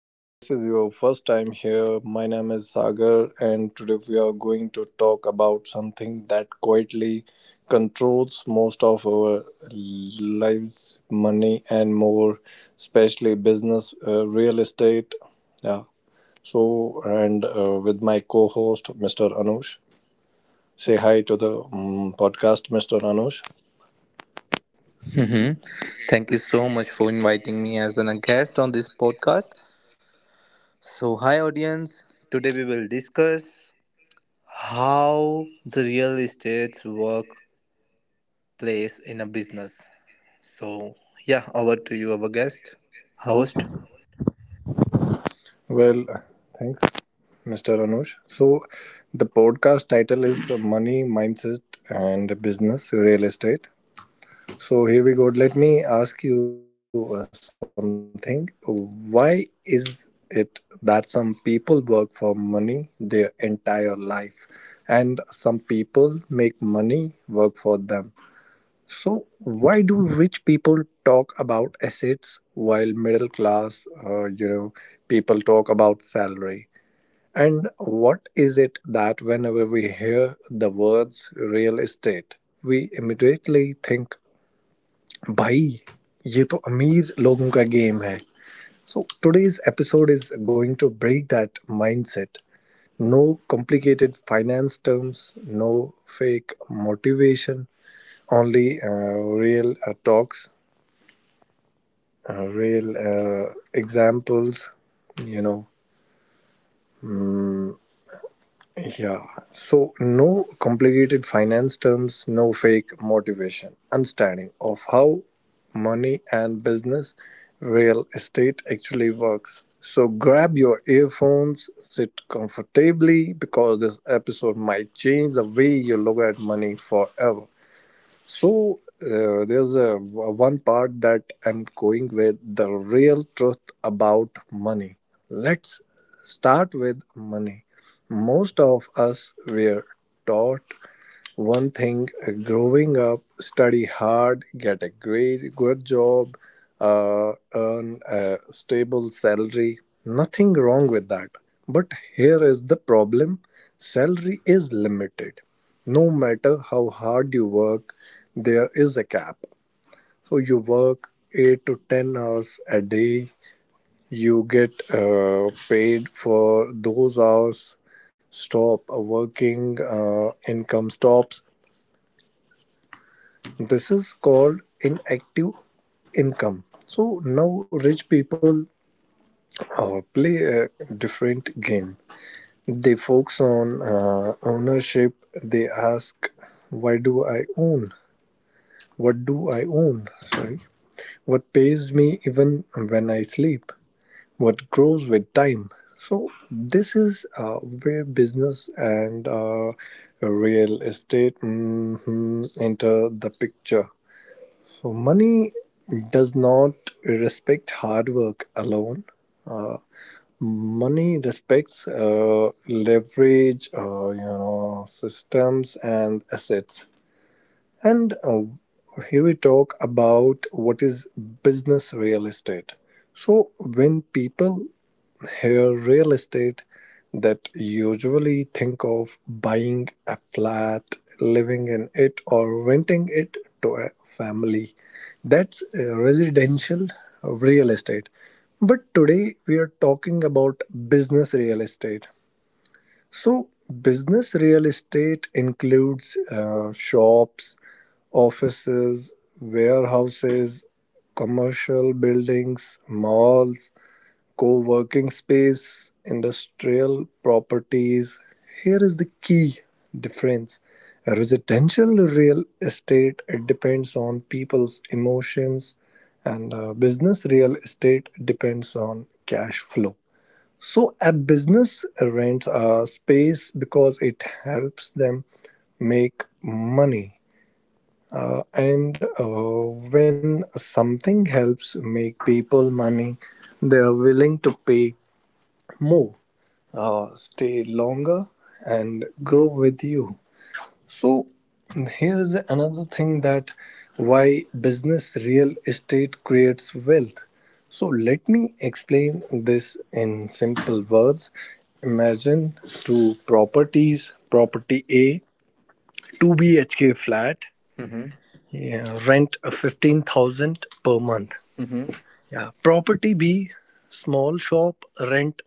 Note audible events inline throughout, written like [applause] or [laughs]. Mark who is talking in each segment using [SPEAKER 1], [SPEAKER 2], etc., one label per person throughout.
[SPEAKER 1] If this is your first time here, my name is Sagar, and today we are going to talk about something that quietly controls most of our lives money and more, especially business, real estate. Yeah. So, and with my co host, Mr. Anush. Say hi to the podcast, Mr. Anush.
[SPEAKER 2] Mm-hmm. Thank you so much for inviting me as a guest on this podcast. So, hi audience. Today we will discuss how the real estate workplace in a business. So, yeah, over to you, our guest, host.
[SPEAKER 1] Well, thanks. Mr. Anush. So, the podcast title is Money, Mindset, and Business Real Estate. So, here we go. Let me ask you something. Why is it that some people work for money their entire life and some people make money work for them? So, why do rich people talk about assets while middle class, people talk about salary? And what is it that whenever we hear the words real estate, we immediately think, bhai, ye to ameer logon ka game hai. So today's episode is going to break that mindset. No complicated finance terms, no fake motivation, only real talks, real examples, you know, yeah. So no complicated finance terms, no fake motivation. Understanding of how money and business real estate actually works. So grab your earphones, sit comfortably because this episode might change the way you look at money forever. So there's a one part that I'm going with the real truth about money. Let's start with money. Most of us were taught one thing growing up, study hard, get a great good job, earn a stable salary. Nothing wrong with that. But here is the problem, salary is limited. No matter how hard you work, there is a cap. So you work 8 to 10 hours a day, you get paid for those hours. Stop working, income stops. This is called inactive income. So now rich people play a different game. They focus on ownership. They ask, "Why do I own? What do I own? Sorry, what pays me even when I sleep? What grows with time?" So this is where business and real estate enter the picture. So money does not respect hard work alone. Uh, Money respects leverage, systems and assets. And here we talk about what is business real estate. So, when people hear real estate, that usually think of buying a flat, living in it, or renting it to a family. That's residential real estate. But today we are talking about business real estate. So, business real estate includes shops, offices, warehouses, commercial buildings, malls, co working space, industrial properties. Here is the key difference. Residential real estate it depends on people's emotions, and business real estate depends on cash flow. So a business rents a space because it helps them make money. And when something helps make people money, they are willing to pay more, stay longer, and grow with you. So here is another thing that why business real estate creates wealth. So let me explain this in simple words. Imagine two properties, property A, 2 BHK flat,
[SPEAKER 2] Mhm.
[SPEAKER 1] yeah, rent 15,000 per
[SPEAKER 2] Per
[SPEAKER 1] month.
[SPEAKER 2] month. Mhm.
[SPEAKER 1] Yeah, property B, small shop, rent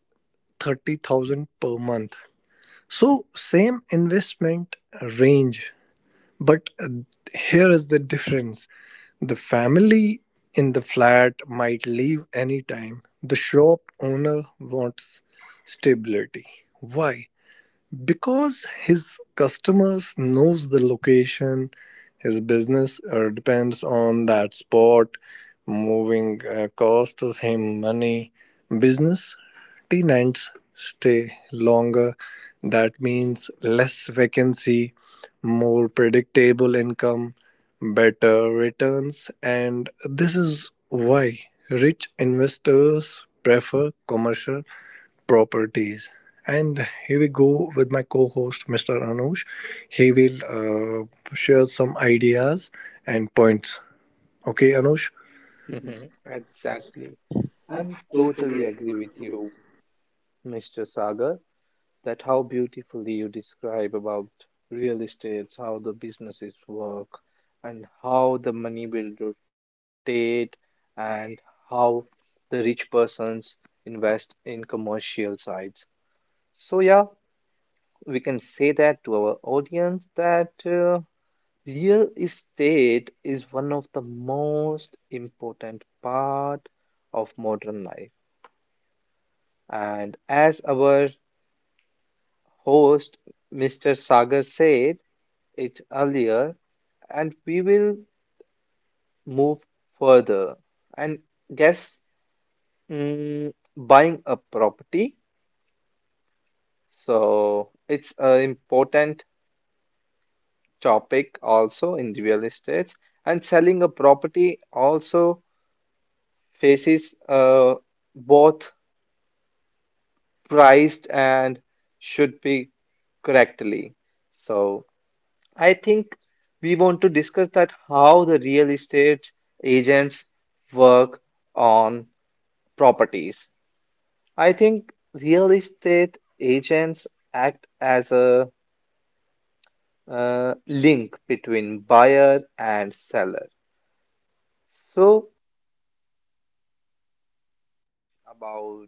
[SPEAKER 1] 30,000 per month. So same investment range. But here is the difference, the family in the flat might leave anytime. The shop owner wants stability. Why? Because his customers knows the location, his business depends on that spot, moving costs him money. Business tenants stay longer. That means less vacancy, more predictable income, better returns, and this is why rich investors prefer commercial properties. And here we go with my co host, Mr. Anush. He will share some ideas and points. Okay, Anush?
[SPEAKER 2] Mhm. Exactly. I'm totally agree with you, Mr. Sagar, that how beautifully you describe about real estates, how the businesses work, and how the money will rotate, and how the rich persons invest in commercial sites. So yeah, we can say that to our audience that real estate is one of the most important part of modern life. And as our host, Mr. Sagar said it earlier, and we will move further and guess buying a property. So it's an important topic also in real estate, and selling a property also faces both priced and should be correctly. So I think we want to discuss that how the real estate agents work on properties. I think real estate agents act as a link between buyer and seller. So about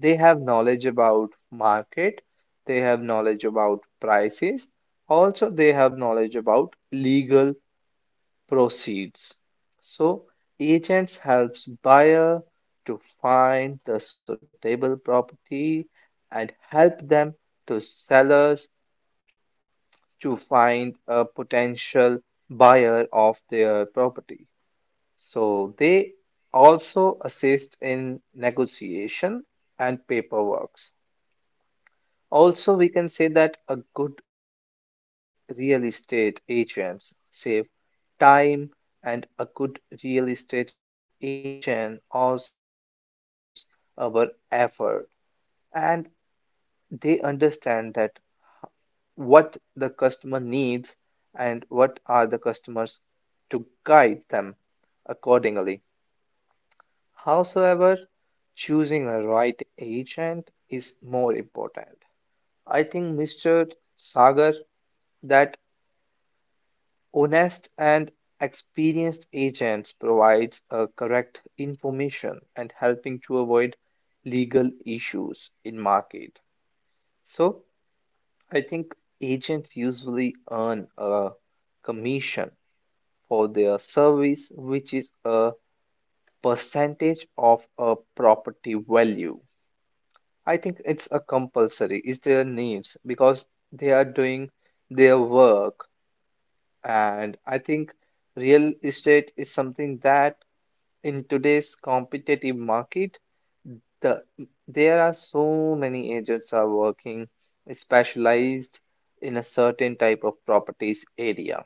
[SPEAKER 2] they have knowledge about market, they have knowledge about prices, also they have knowledge about legal proceeds. So agents helps buyer to find the suitable property and help them to sellers to find a potential buyer of their property, so they also assist in negotiation and paperwork. Also, we can say that a good real estate agents save time, and a good real estate agent also saves our effort, and they understand that what the customer needs and what are the customers to guide them accordingly. Howsoever, choosing a right agent is more important. I think, Mr. Sagar, that honest and agents provides a correct information and helping to avoid legal issues in market. So, I think agents usually earn a commission for their service, which is a percentage of a property value. I think it's a compulsory. It's their needs because they are doing their work. And I think real estate is something that in today's competitive market, the there are so many agents are working specialized in a certain type of properties area.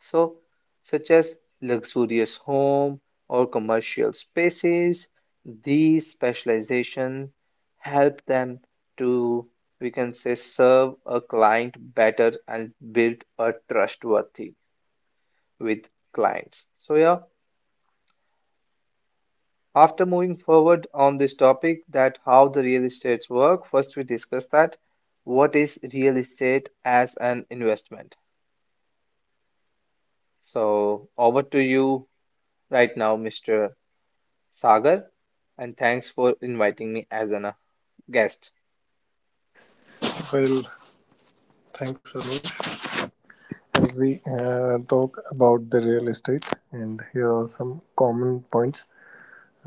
[SPEAKER 2] So, such as luxurious home or commercial spaces, these specialization help them to, we can say, serve a client better and build a trustworthy with clients. So yeah, after moving forward on this topic that how the real estates work, first we discuss that what is real estate as an investment. So over to you right now, Mr. Sagar, and thanks for inviting me as a guest.
[SPEAKER 1] Well, thanks, Anush. As we talk about the real estate, and here are some common points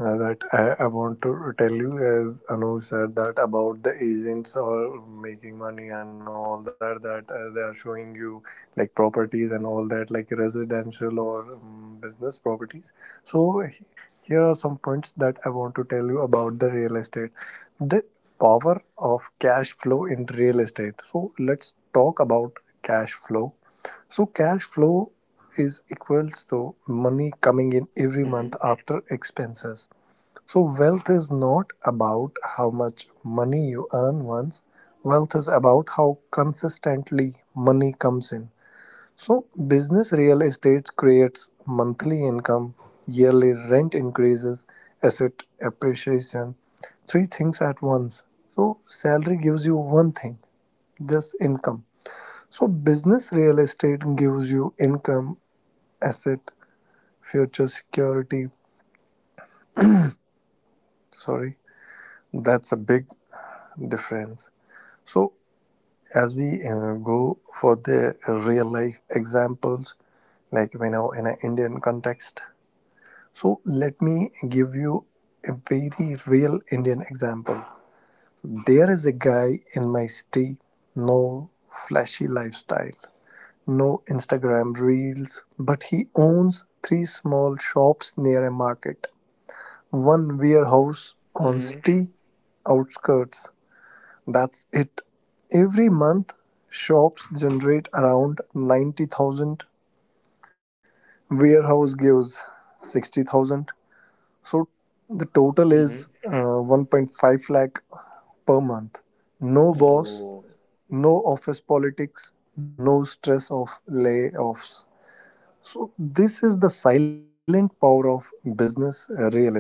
[SPEAKER 1] that I want to tell you as Anuj said that about the agents or making money and all that they are showing you like properties and all that like residential or business properties. So here are some points that I want to tell you about the real estate. The power of cash flow in real estate. So let's talk about cash flow. So cash flow is equals to money coming in every month
[SPEAKER 2] Hmm.
[SPEAKER 1] after expenses. So wealth is not about how much money you earn once. Wealth is about how consistently money comes in. So business real estate creates monthly income, yearly rent increases, asset appreciation, three things at once. So salary gives you one thing, this income. So business real estate gives you income, asset, future security. Sorry, that's a big difference. So as we go for the real life examples, like we know, in an Indian context. So let me give you a very real Indian example. There is a guy in my city, no flashy lifestyle, no Instagram reels, but he owns three small shops near a market, one warehouse on
[SPEAKER 2] Mm-hmm.
[SPEAKER 1] city outskirts. That's it. Every month, shops generate around 90,000, warehouse gives 60,000. So the total
[SPEAKER 2] Mm-hmm.
[SPEAKER 1] is 1.5 lakh per month. No boss,
[SPEAKER 2] Oh,
[SPEAKER 1] no office politics, no stress of layoffs. So, this is the silent power of business real estate.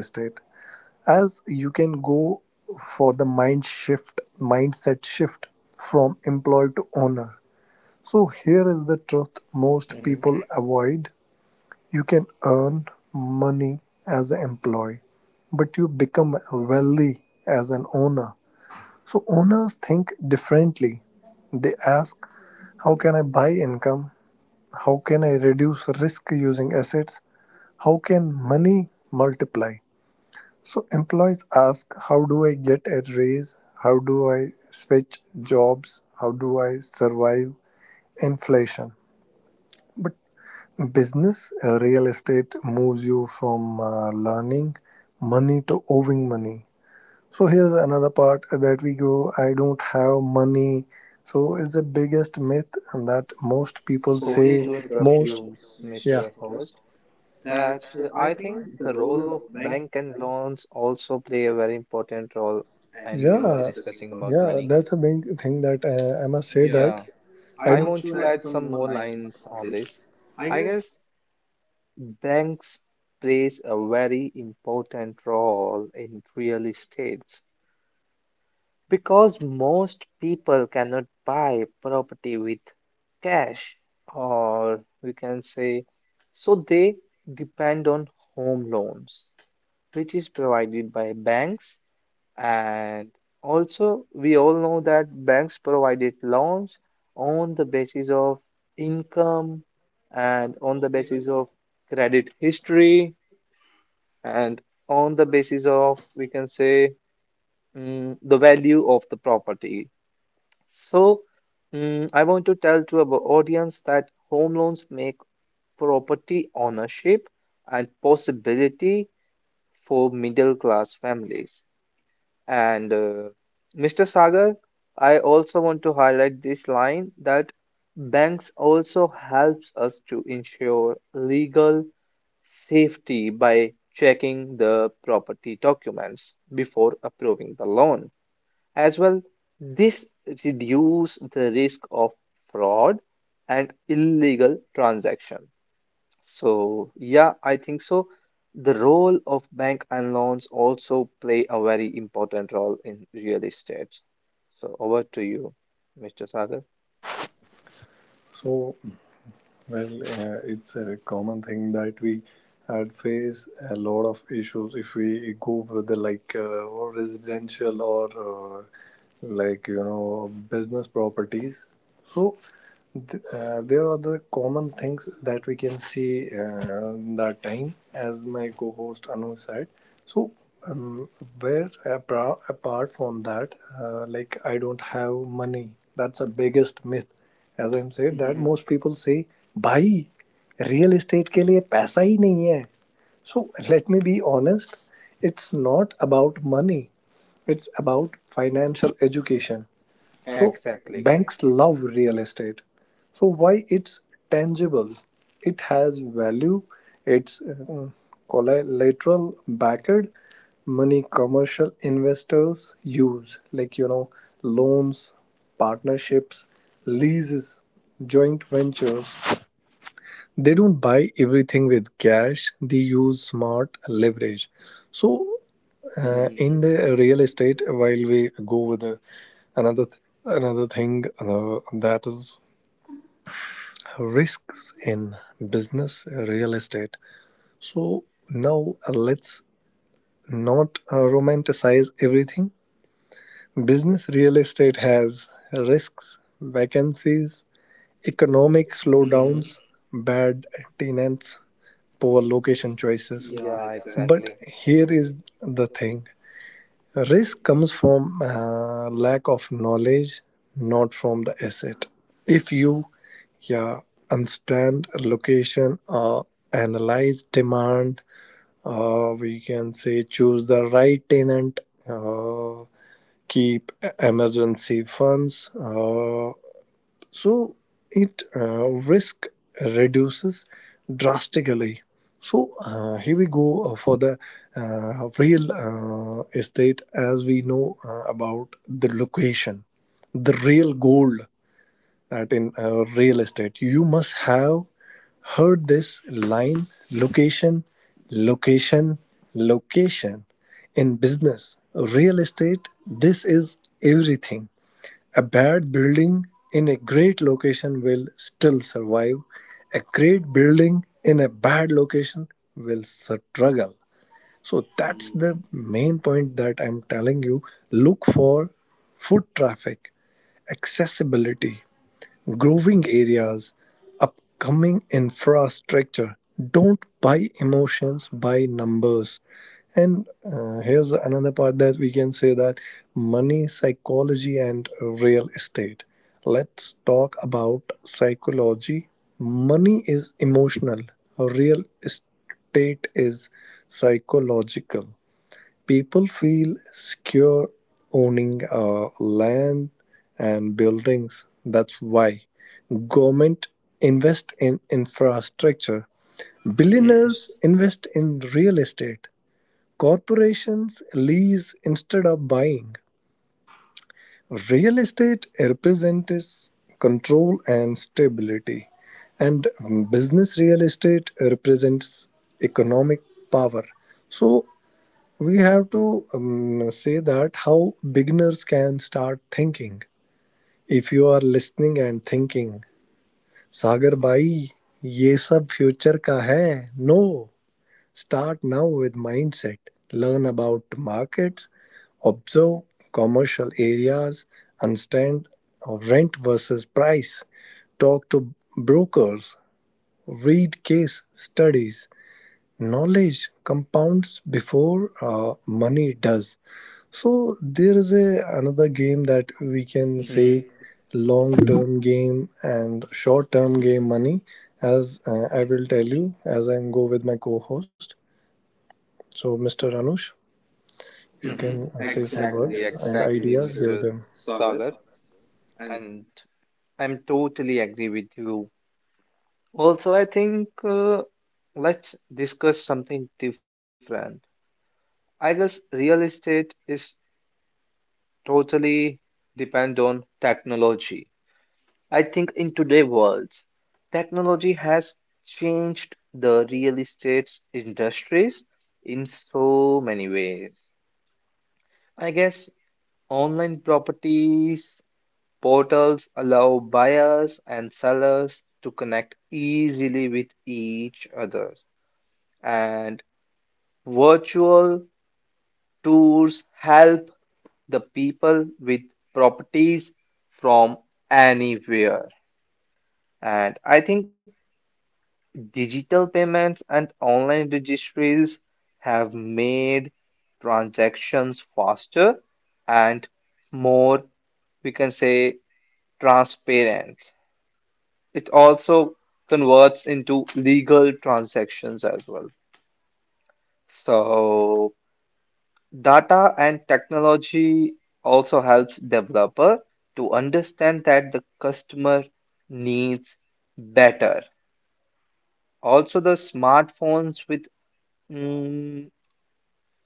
[SPEAKER 1] As you can go for the mindset shift from employee to owner. So here is the truth most
[SPEAKER 2] hmm,
[SPEAKER 1] people avoid. You can earn money as an employee, but you become wealthy as an owner. So owners think differently. They ask, how can I buy income? How can I reduce risk using assets? How can money multiply? So employees ask, how do I get a raise? How do I switch jobs? How do I survive inflation? But business, real estate moves you from learning money to owing money. So here's another part that we go, I don't have money. So it's the biggest myth that most people so we say,
[SPEAKER 2] sorry
[SPEAKER 1] true,
[SPEAKER 2] to
[SPEAKER 1] Prafulla,
[SPEAKER 2] interrupt
[SPEAKER 1] most,
[SPEAKER 2] you,
[SPEAKER 1] yeah,
[SPEAKER 2] Mr.
[SPEAKER 1] Host.
[SPEAKER 2] Host.
[SPEAKER 1] That
[SPEAKER 2] That
[SPEAKER 1] so I
[SPEAKER 2] I
[SPEAKER 1] think
[SPEAKER 2] think
[SPEAKER 1] the
[SPEAKER 2] the
[SPEAKER 1] role of
[SPEAKER 2] role of
[SPEAKER 1] bank.
[SPEAKER 2] bank and loans also play a very important role,
[SPEAKER 1] And we
[SPEAKER 2] and
[SPEAKER 1] will,
[SPEAKER 2] you are
[SPEAKER 1] yeah, discussing
[SPEAKER 2] discussing
[SPEAKER 1] about
[SPEAKER 2] about
[SPEAKER 1] yeah, money.
[SPEAKER 2] money.
[SPEAKER 1] That's a big thing that I must say, yeah, that
[SPEAKER 2] Yeah,
[SPEAKER 1] I
[SPEAKER 2] I
[SPEAKER 1] want
[SPEAKER 2] want
[SPEAKER 1] to
[SPEAKER 2] to
[SPEAKER 1] add
[SPEAKER 2] add
[SPEAKER 1] some
[SPEAKER 2] some
[SPEAKER 1] more
[SPEAKER 2] more
[SPEAKER 1] lines
[SPEAKER 2] lines
[SPEAKER 1] on
[SPEAKER 2] on
[SPEAKER 1] this.
[SPEAKER 2] this.
[SPEAKER 1] I
[SPEAKER 2] I
[SPEAKER 1] guess
[SPEAKER 2] guess banks plays a very important role in real estate, because most people cannot buy property with cash, or we can say, so they depend on home loans, which is provided by banks. And also, we all know that banks provided loans on the basis of income and on the basis of credit history and on the basis of, we can say, the value of the property. So, I want to tell to our audience that home loans make property ownership and possibility for middle class families. And Mr. Sagar, I also want to highlight this line that banks also helps us to ensure legal safety by checking the property documents before approving the loan. As well, this reduce the risk of fraud and illegal transaction. So yeah, I think so. The role of bank and loans also play a very important role in real estate. So over to you, Mr. Sagar.
[SPEAKER 1] so well. It's a common thing that we had face a lot of issues if we go with the like or residential or like you know business properties. So there are the common things that we can see the time as my co-host Anu said. So um, where apart from that like I don't have money, that's a biggest myth as I'm said that
[SPEAKER 2] Hmm.
[SPEAKER 1] most people say bhai real estate के लिए पैसा ही नहीं है. So let me be honest, it's not about money, it's about financial education. So
[SPEAKER 2] Exactly.
[SPEAKER 1] banks love real estate. So why it's tangible? It has value. It's collateral backed money commercial investors use loans, partnerships, leases, joint ventures. They don't buy everything with cash, they use smart leverage. So, in
[SPEAKER 2] Hmm.
[SPEAKER 1] the real estate, while we go with the, another th- another thing that is risks in business real estate. So now let's not romanticize everything. Business real estate has risks, vacancies, economic
[SPEAKER 2] Hmm.
[SPEAKER 1] slowdowns, bad tenants, poor location choices. Yeah,
[SPEAKER 2] Yeah,
[SPEAKER 1] exactly. But
[SPEAKER 2] exactly.
[SPEAKER 1] here is the thing, risk comes from lack of knowledge, not from the asset. If you, yeah, understand location, analyze demand, we can say choose the right tenant, uh, keep emergency funds, so it risk reduces drastically. So here we go for the real estate as we know about the location, the real gold, that in real estate you must have heard this line, location, location, location. In business real estate this is everything. A bad building in a great location will still survive. A great building in a bad location will struggle. So that's the main point that I'm telling you. Look for foot traffic, accessibility, growing areas, upcoming infrastructure. Don't buy emotions, buy numbers. And here's another part that we can say that money, psychology, and real estate. Let's talk about psychology. Money is emotional, real estate is psychological. People feel secure owning land and buildings. That's why government invest in infrastructure. Billionaires invest in real estate. Corporations lease instead of buying. Real estate represents control and stability, and business real estate represents economic power. So, we have to say that how beginners can start thinking. If you are listening and thinking, Sagar bhai, ye sab future ka hai. No, start now with mindset. Learn about markets, observe commercial areas, understand rent versus price, talk to brokers, read case studies, knowledge compounds before money does. So there is a another game that we can
[SPEAKER 2] Mhm.
[SPEAKER 1] say long term game and short term game money as I will tell you as I go with my co-host. So Mr. Anush, you can
[SPEAKER 2] Mm-hmm.
[SPEAKER 1] say some Exactly, words
[SPEAKER 2] Exactly,
[SPEAKER 1] and exactly,
[SPEAKER 2] exactly,
[SPEAKER 1] ideas, Mr. give
[SPEAKER 2] Mr.
[SPEAKER 1] them. Sagar.
[SPEAKER 2] Sagar.
[SPEAKER 1] And
[SPEAKER 2] And I'm totally agree with you. Also, I think let's discuss something different. I guess real estate is totally depend on technology. I think in today world, technology has changed the real estate industries in so many ways. I guess online properties portals allow buyers and sellers to connect easily with each other, and virtual tours help the people with properties from anywhere. And I think digital payments and online registries have made transactions faster and more, we can say, transparent. It also converts into legal transactions as well. So data and technology also helps developer to understand that the customer needs better. Also the smartphones with mm,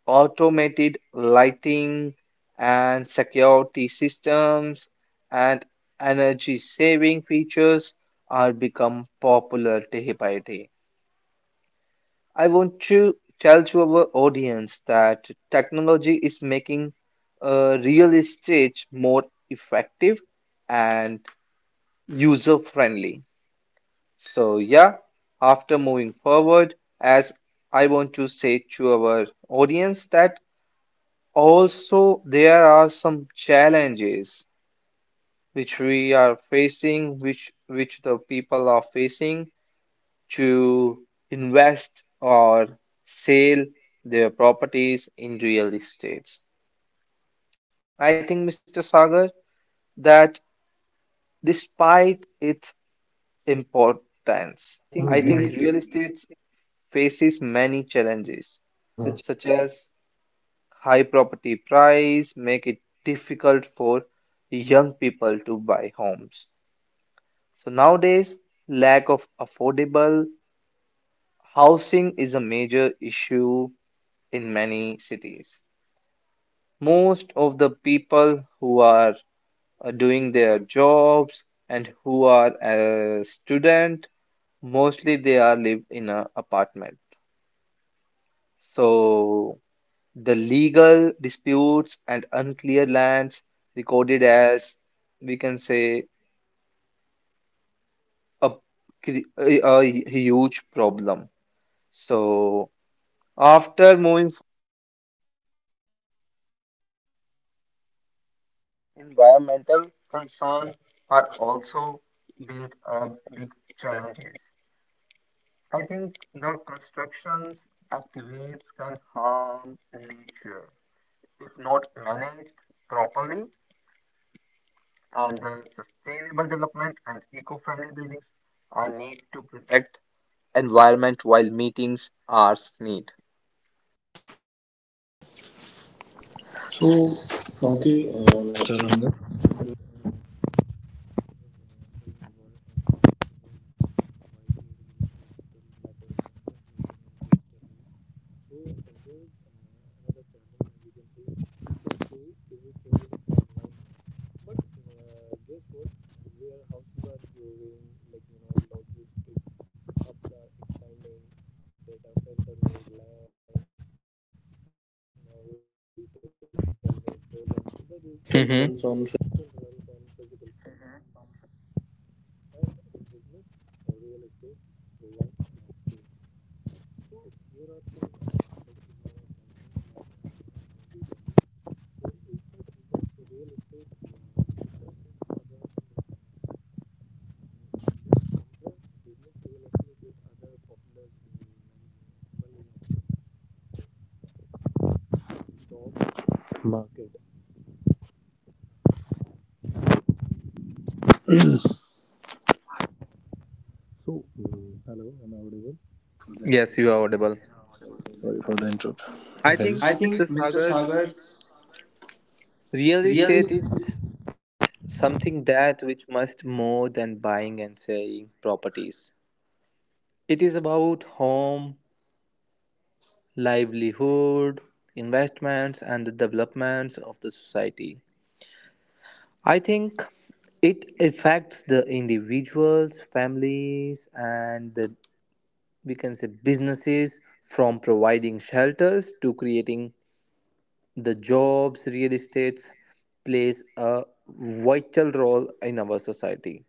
[SPEAKER 2] automated lighting and security systems and energy saving features are become popular day by day. I want to tell to our audience that technology is making real estate more effective and user friendly. So, yeah, after moving forward, as I want to say to our audience that also there are some challenges which we are facing, which the people are facing to invest or sell their properties in real estates. I think, Mr. Sagar, that despite its importance,
[SPEAKER 1] I think
[SPEAKER 2] I
[SPEAKER 1] Mhm.
[SPEAKER 2] think
[SPEAKER 1] real estate
[SPEAKER 2] real estate faces many challenges,
[SPEAKER 1] is Mhm. such
[SPEAKER 2] such as high property price make it difficult for young people to buy homes. So nowadays, lack of affordable housing is a major issue in many cities. Most of the people who are doing their jobs and who are a student, mostly they are live in an apartment. So the legal disputes and unclear lands recorded as we can say a, a huge problem. So after moving, environmental concerns are also big challenges. I think the constructions activities can harm nature if not managed properly, and the sustainable development and eco-friendly buildings are need to protect environment while meeting our need.
[SPEAKER 1] So Mr. Anush, but guess what? Warehouses are growing, like you know, logistic hubs are expanding, data center need land, now retail still need presence. The digital world still runs
[SPEAKER 2] Hmm.
[SPEAKER 1] on physical space, and business or real estate provides space. Here are some like you know, like reasons. So, is the business real estate different from other industries? Market. So, hello, am I audible? Sorry,
[SPEAKER 2] Yes, you are audible.
[SPEAKER 1] sorry for the interruption,
[SPEAKER 2] I
[SPEAKER 1] guys. I
[SPEAKER 2] think,
[SPEAKER 1] think
[SPEAKER 2] Mr.
[SPEAKER 1] Mr.
[SPEAKER 2] Sagar,
[SPEAKER 1] Sagar
[SPEAKER 2] real
[SPEAKER 1] really
[SPEAKER 2] estate is something that which must more than buying and selling properties. It is about home, livelihood, investments, and the developments of the society. I think it affects the individuals, families, and the we can say businesses. From providing shelters to creating the jobs, real estates plays a vital role in our society.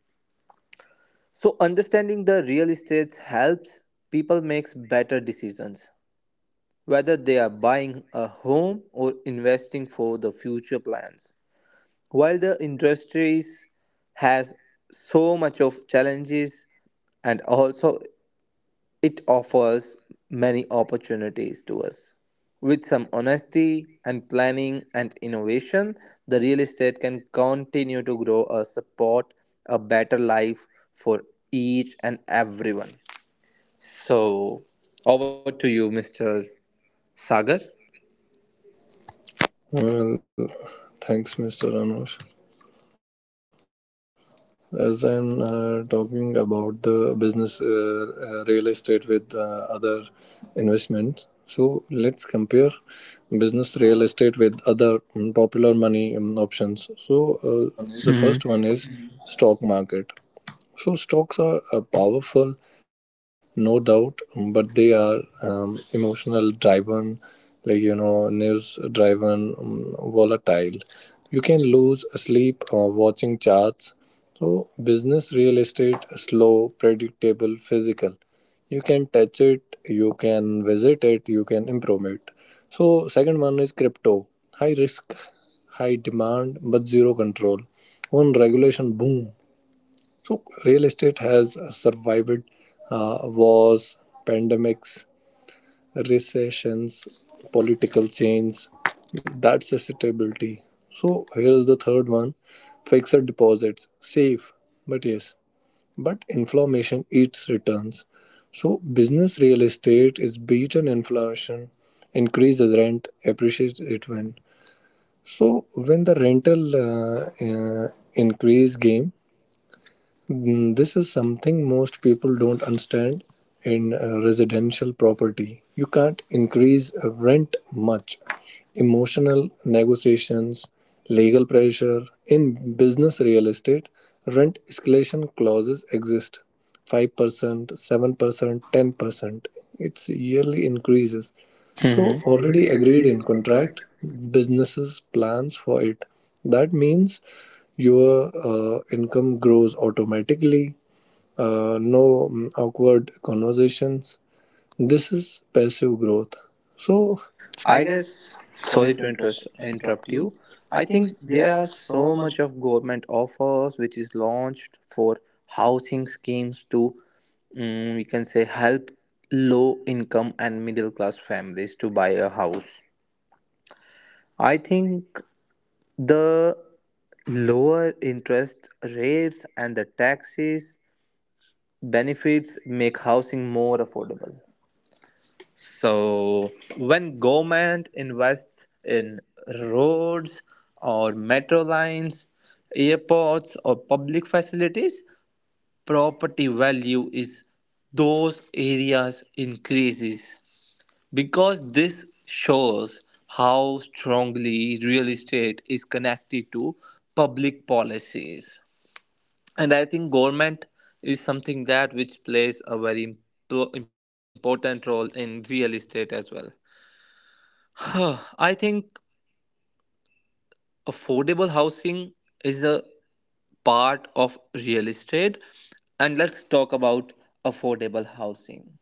[SPEAKER 2] So understanding the real estate helps people make better decisions whether they are buying a home or investing for the future plans. While the industries has so much of challenges, and also it offers many opportunities to us. With some honesty and planning and innovation, the real estate can continue to grow or support a better life for each and everyone. So, over to you, Mr. Sagar.
[SPEAKER 1] Well, thanks, Mr. Anush. As I'm talking about the business real estate with other investments, so let's compare business real estate with other popular money options. So the first one
[SPEAKER 2] [laughs]
[SPEAKER 1] is stock market. So stocks are powerful, no doubt, but they are emotional driven, news driven, volatile. You can lose sleep watching charts. So business, real estate, slow, predictable, physical. You can touch it, you can visit it, you can improve it. So second one is crypto, high risk, high demand, but zero control. One regulation, boom. So real estate has survived wars, pandemics, recessions, political change. That's a stability. So here is the third one: fixed deposits, safe, but yes, but inflammation eats returns. So business real estate is beaten inflation, increases rent, appreciates it when. So when the rental uh, increase game. This is something most people don't understand in residential property. You can't increase rent much. Emotional negotiations, legal pressure. In business real estate, rent escalation clauses exist 5%, 7%, 10%. It's yearly increases. Hmm.
[SPEAKER 2] Hmm.
[SPEAKER 1] So, already agreed in contract, businesses plans for it. That means your income grows automatically, no awkward conversations. This is passive growth. So,
[SPEAKER 2] I
[SPEAKER 1] I
[SPEAKER 2] guess
[SPEAKER 1] guess,
[SPEAKER 2] sorry
[SPEAKER 1] sorry
[SPEAKER 2] to
[SPEAKER 1] to
[SPEAKER 2] interrupt
[SPEAKER 1] interrupt
[SPEAKER 2] you.
[SPEAKER 1] you.
[SPEAKER 2] I
[SPEAKER 1] I
[SPEAKER 2] think
[SPEAKER 1] think
[SPEAKER 2] there
[SPEAKER 1] there
[SPEAKER 2] are
[SPEAKER 1] are
[SPEAKER 2] so
[SPEAKER 1] so
[SPEAKER 2] much
[SPEAKER 1] much.
[SPEAKER 2] of government offers which is launched for housing schemes to, we can say, help low income and middle class families to buy a house. I think the lower interest rates and the taxes benefits make housing more affordable. So when government invests in roads or metro lines, airports or public facilities, property value is those areas increases, because this shows how strongly real estate is connected to public policies. And I think government is something that which plays a very important role in real estate as well. [sighs] I think affordable housing is a part of real estate, and let's talk about affordable housing.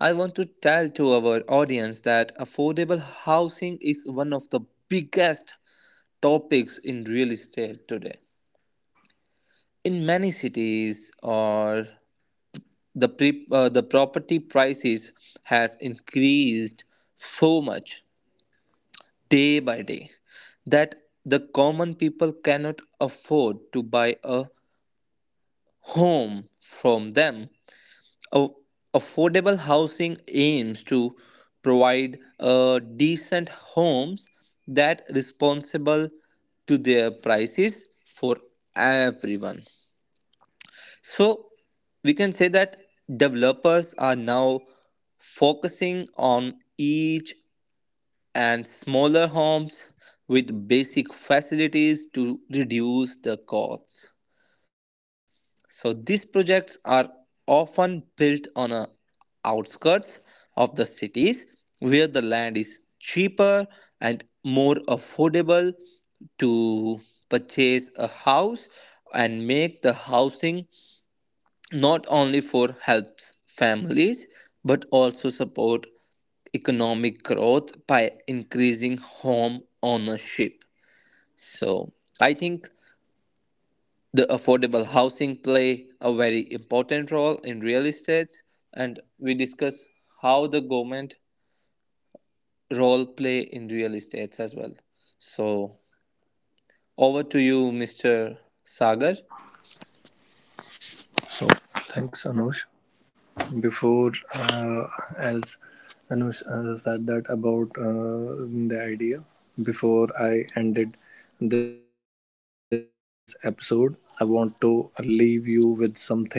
[SPEAKER 2] I want to tell to our audience that affordable housing is one of the biggest topics in real estate today. In many cities, or the property prices has increased so much day by day that the common people cannot afford to buy a home from them. A- Affordable housing aims to provide decent homes that responsible to their prices for everyone. So we can say that developers are now focusing on each and smaller homes with basic facilities to reduce the costs. So these projects are often built on a outskirts of the cities where the land is cheaper and more affordable to purchase a house, and make the housing not only for helps families but also support economic growth by increasing home ownership. So I think the affordable housing play a very important role in real estate, and we discuss how the government role play in real estates as well. So over to you, Mr. Sagar.
[SPEAKER 1] So thanks, Anush. Before, uh, as Anush said that about the idea, before I ended this episode, I want to leave you with something positive.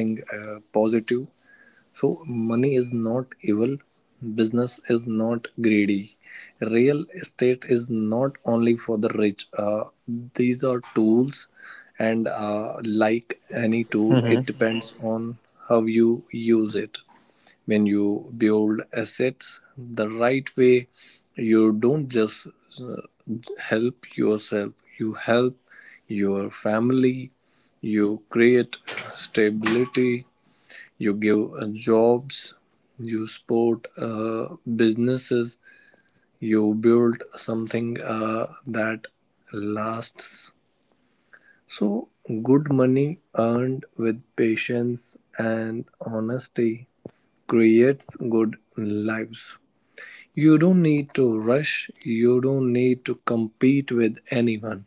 [SPEAKER 1] So, money is not evil, business is not greedy, real estate is not only for the rich. These are tools, and like any tool, it depends on how you use it. When you build assets the right way, you don't just uh, help yourself, you help your family, you create stability, you give jobs, you support businesses, you build something that lasts. So, good money earned with patience and honesty creates good lives. You don't need to rush, you don't need to compete with anyone.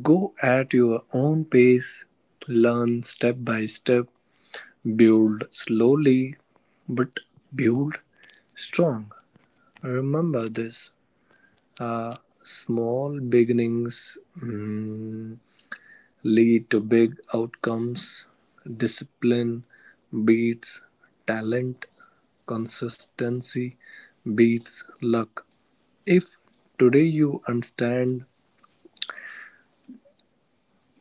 [SPEAKER 1] Go at your own pace, learn step by step, build slowly, but build strong. Remember this: uh, small beginnings lead to big outcomes. Discipline beats talent. Consistency beats luck. If today you understand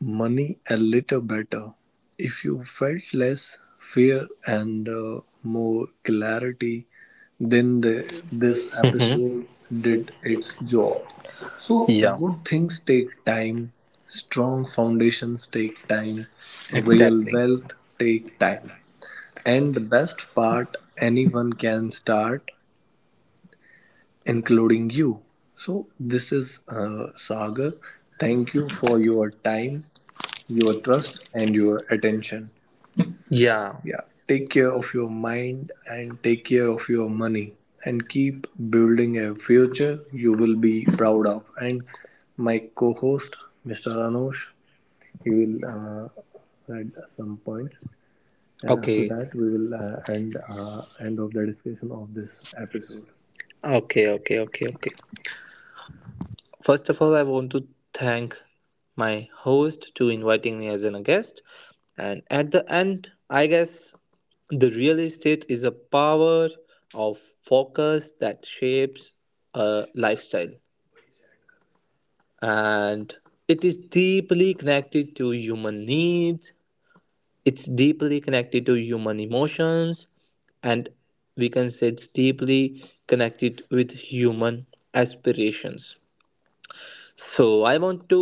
[SPEAKER 1] money a little better. If you felt less fear and more clarity, then this episode did its job. So, yeah,
[SPEAKER 2] Yeah,
[SPEAKER 1] good things take time, strong foundations take time, real
[SPEAKER 2] exactly.
[SPEAKER 1] wealth take time. And the best part, anyone can start, including you. So, this is Sagar. Thank you for your time, your trust and your attention.
[SPEAKER 2] Yeah,
[SPEAKER 1] Yeah. Yeah, take care of your mind and take care of your money and keep building a future you will be proud of. And my co host, Mr. Anush, he will add some points. And after
[SPEAKER 2] okay.
[SPEAKER 1] that, we will end of the discussion of this episode.
[SPEAKER 2] Okay, okay, okay, okay. First of all, I want to thank my host to inviting me as a guest. And at the end, I guess the real estate is a power of focus that shapes a lifestyle. And it is deeply connected to human needs, it's deeply connected to human emotions, and we can say it's deeply connected with human aspirations. So I want to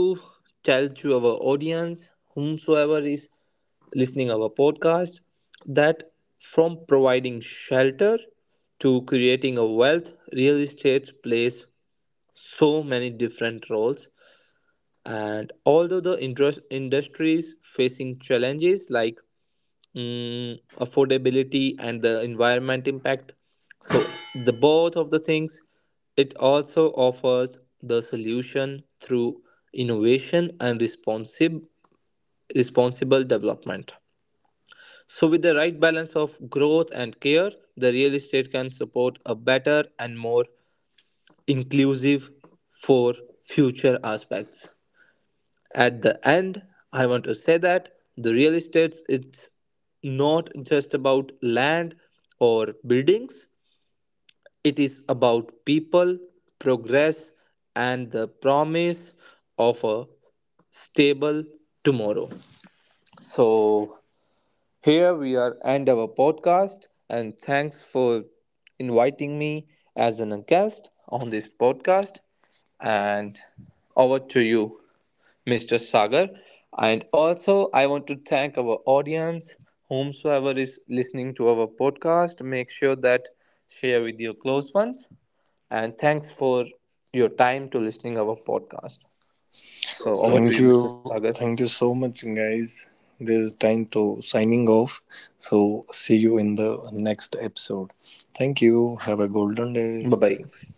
[SPEAKER 2] tell to our audience whomsoever is listening our podcast that from providing shelter to creating a wealth, real estate plays so many different roles. And although the industries facing challenges like affordability and the environment impact, so the both of the things, it also offers the solution through innovation and responsible development. So, with the right balance of growth and care, the real estate can support a better and more inclusive for future aspects. At the end, I want to say that the real estate is not just about land or buildings. It is about people, progress, and the promise of a stable tomorrow. So, here we are end our podcast, and thanks for inviting me as an guest on this podcast. And over to you, Mr. Sagar. And also I want to thank our audience whomsoever is listening to our podcast, make sure that share with your close ones, and thanks for your time to listening our podcast. So over to you,
[SPEAKER 1] Thank you.
[SPEAKER 2] Mr. Sagar.
[SPEAKER 1] Thank you so much, guys. This is time to signing off. So, see you in the next episode. Thank you. Have a golden
[SPEAKER 2] Bye
[SPEAKER 1] day.
[SPEAKER 2] bye.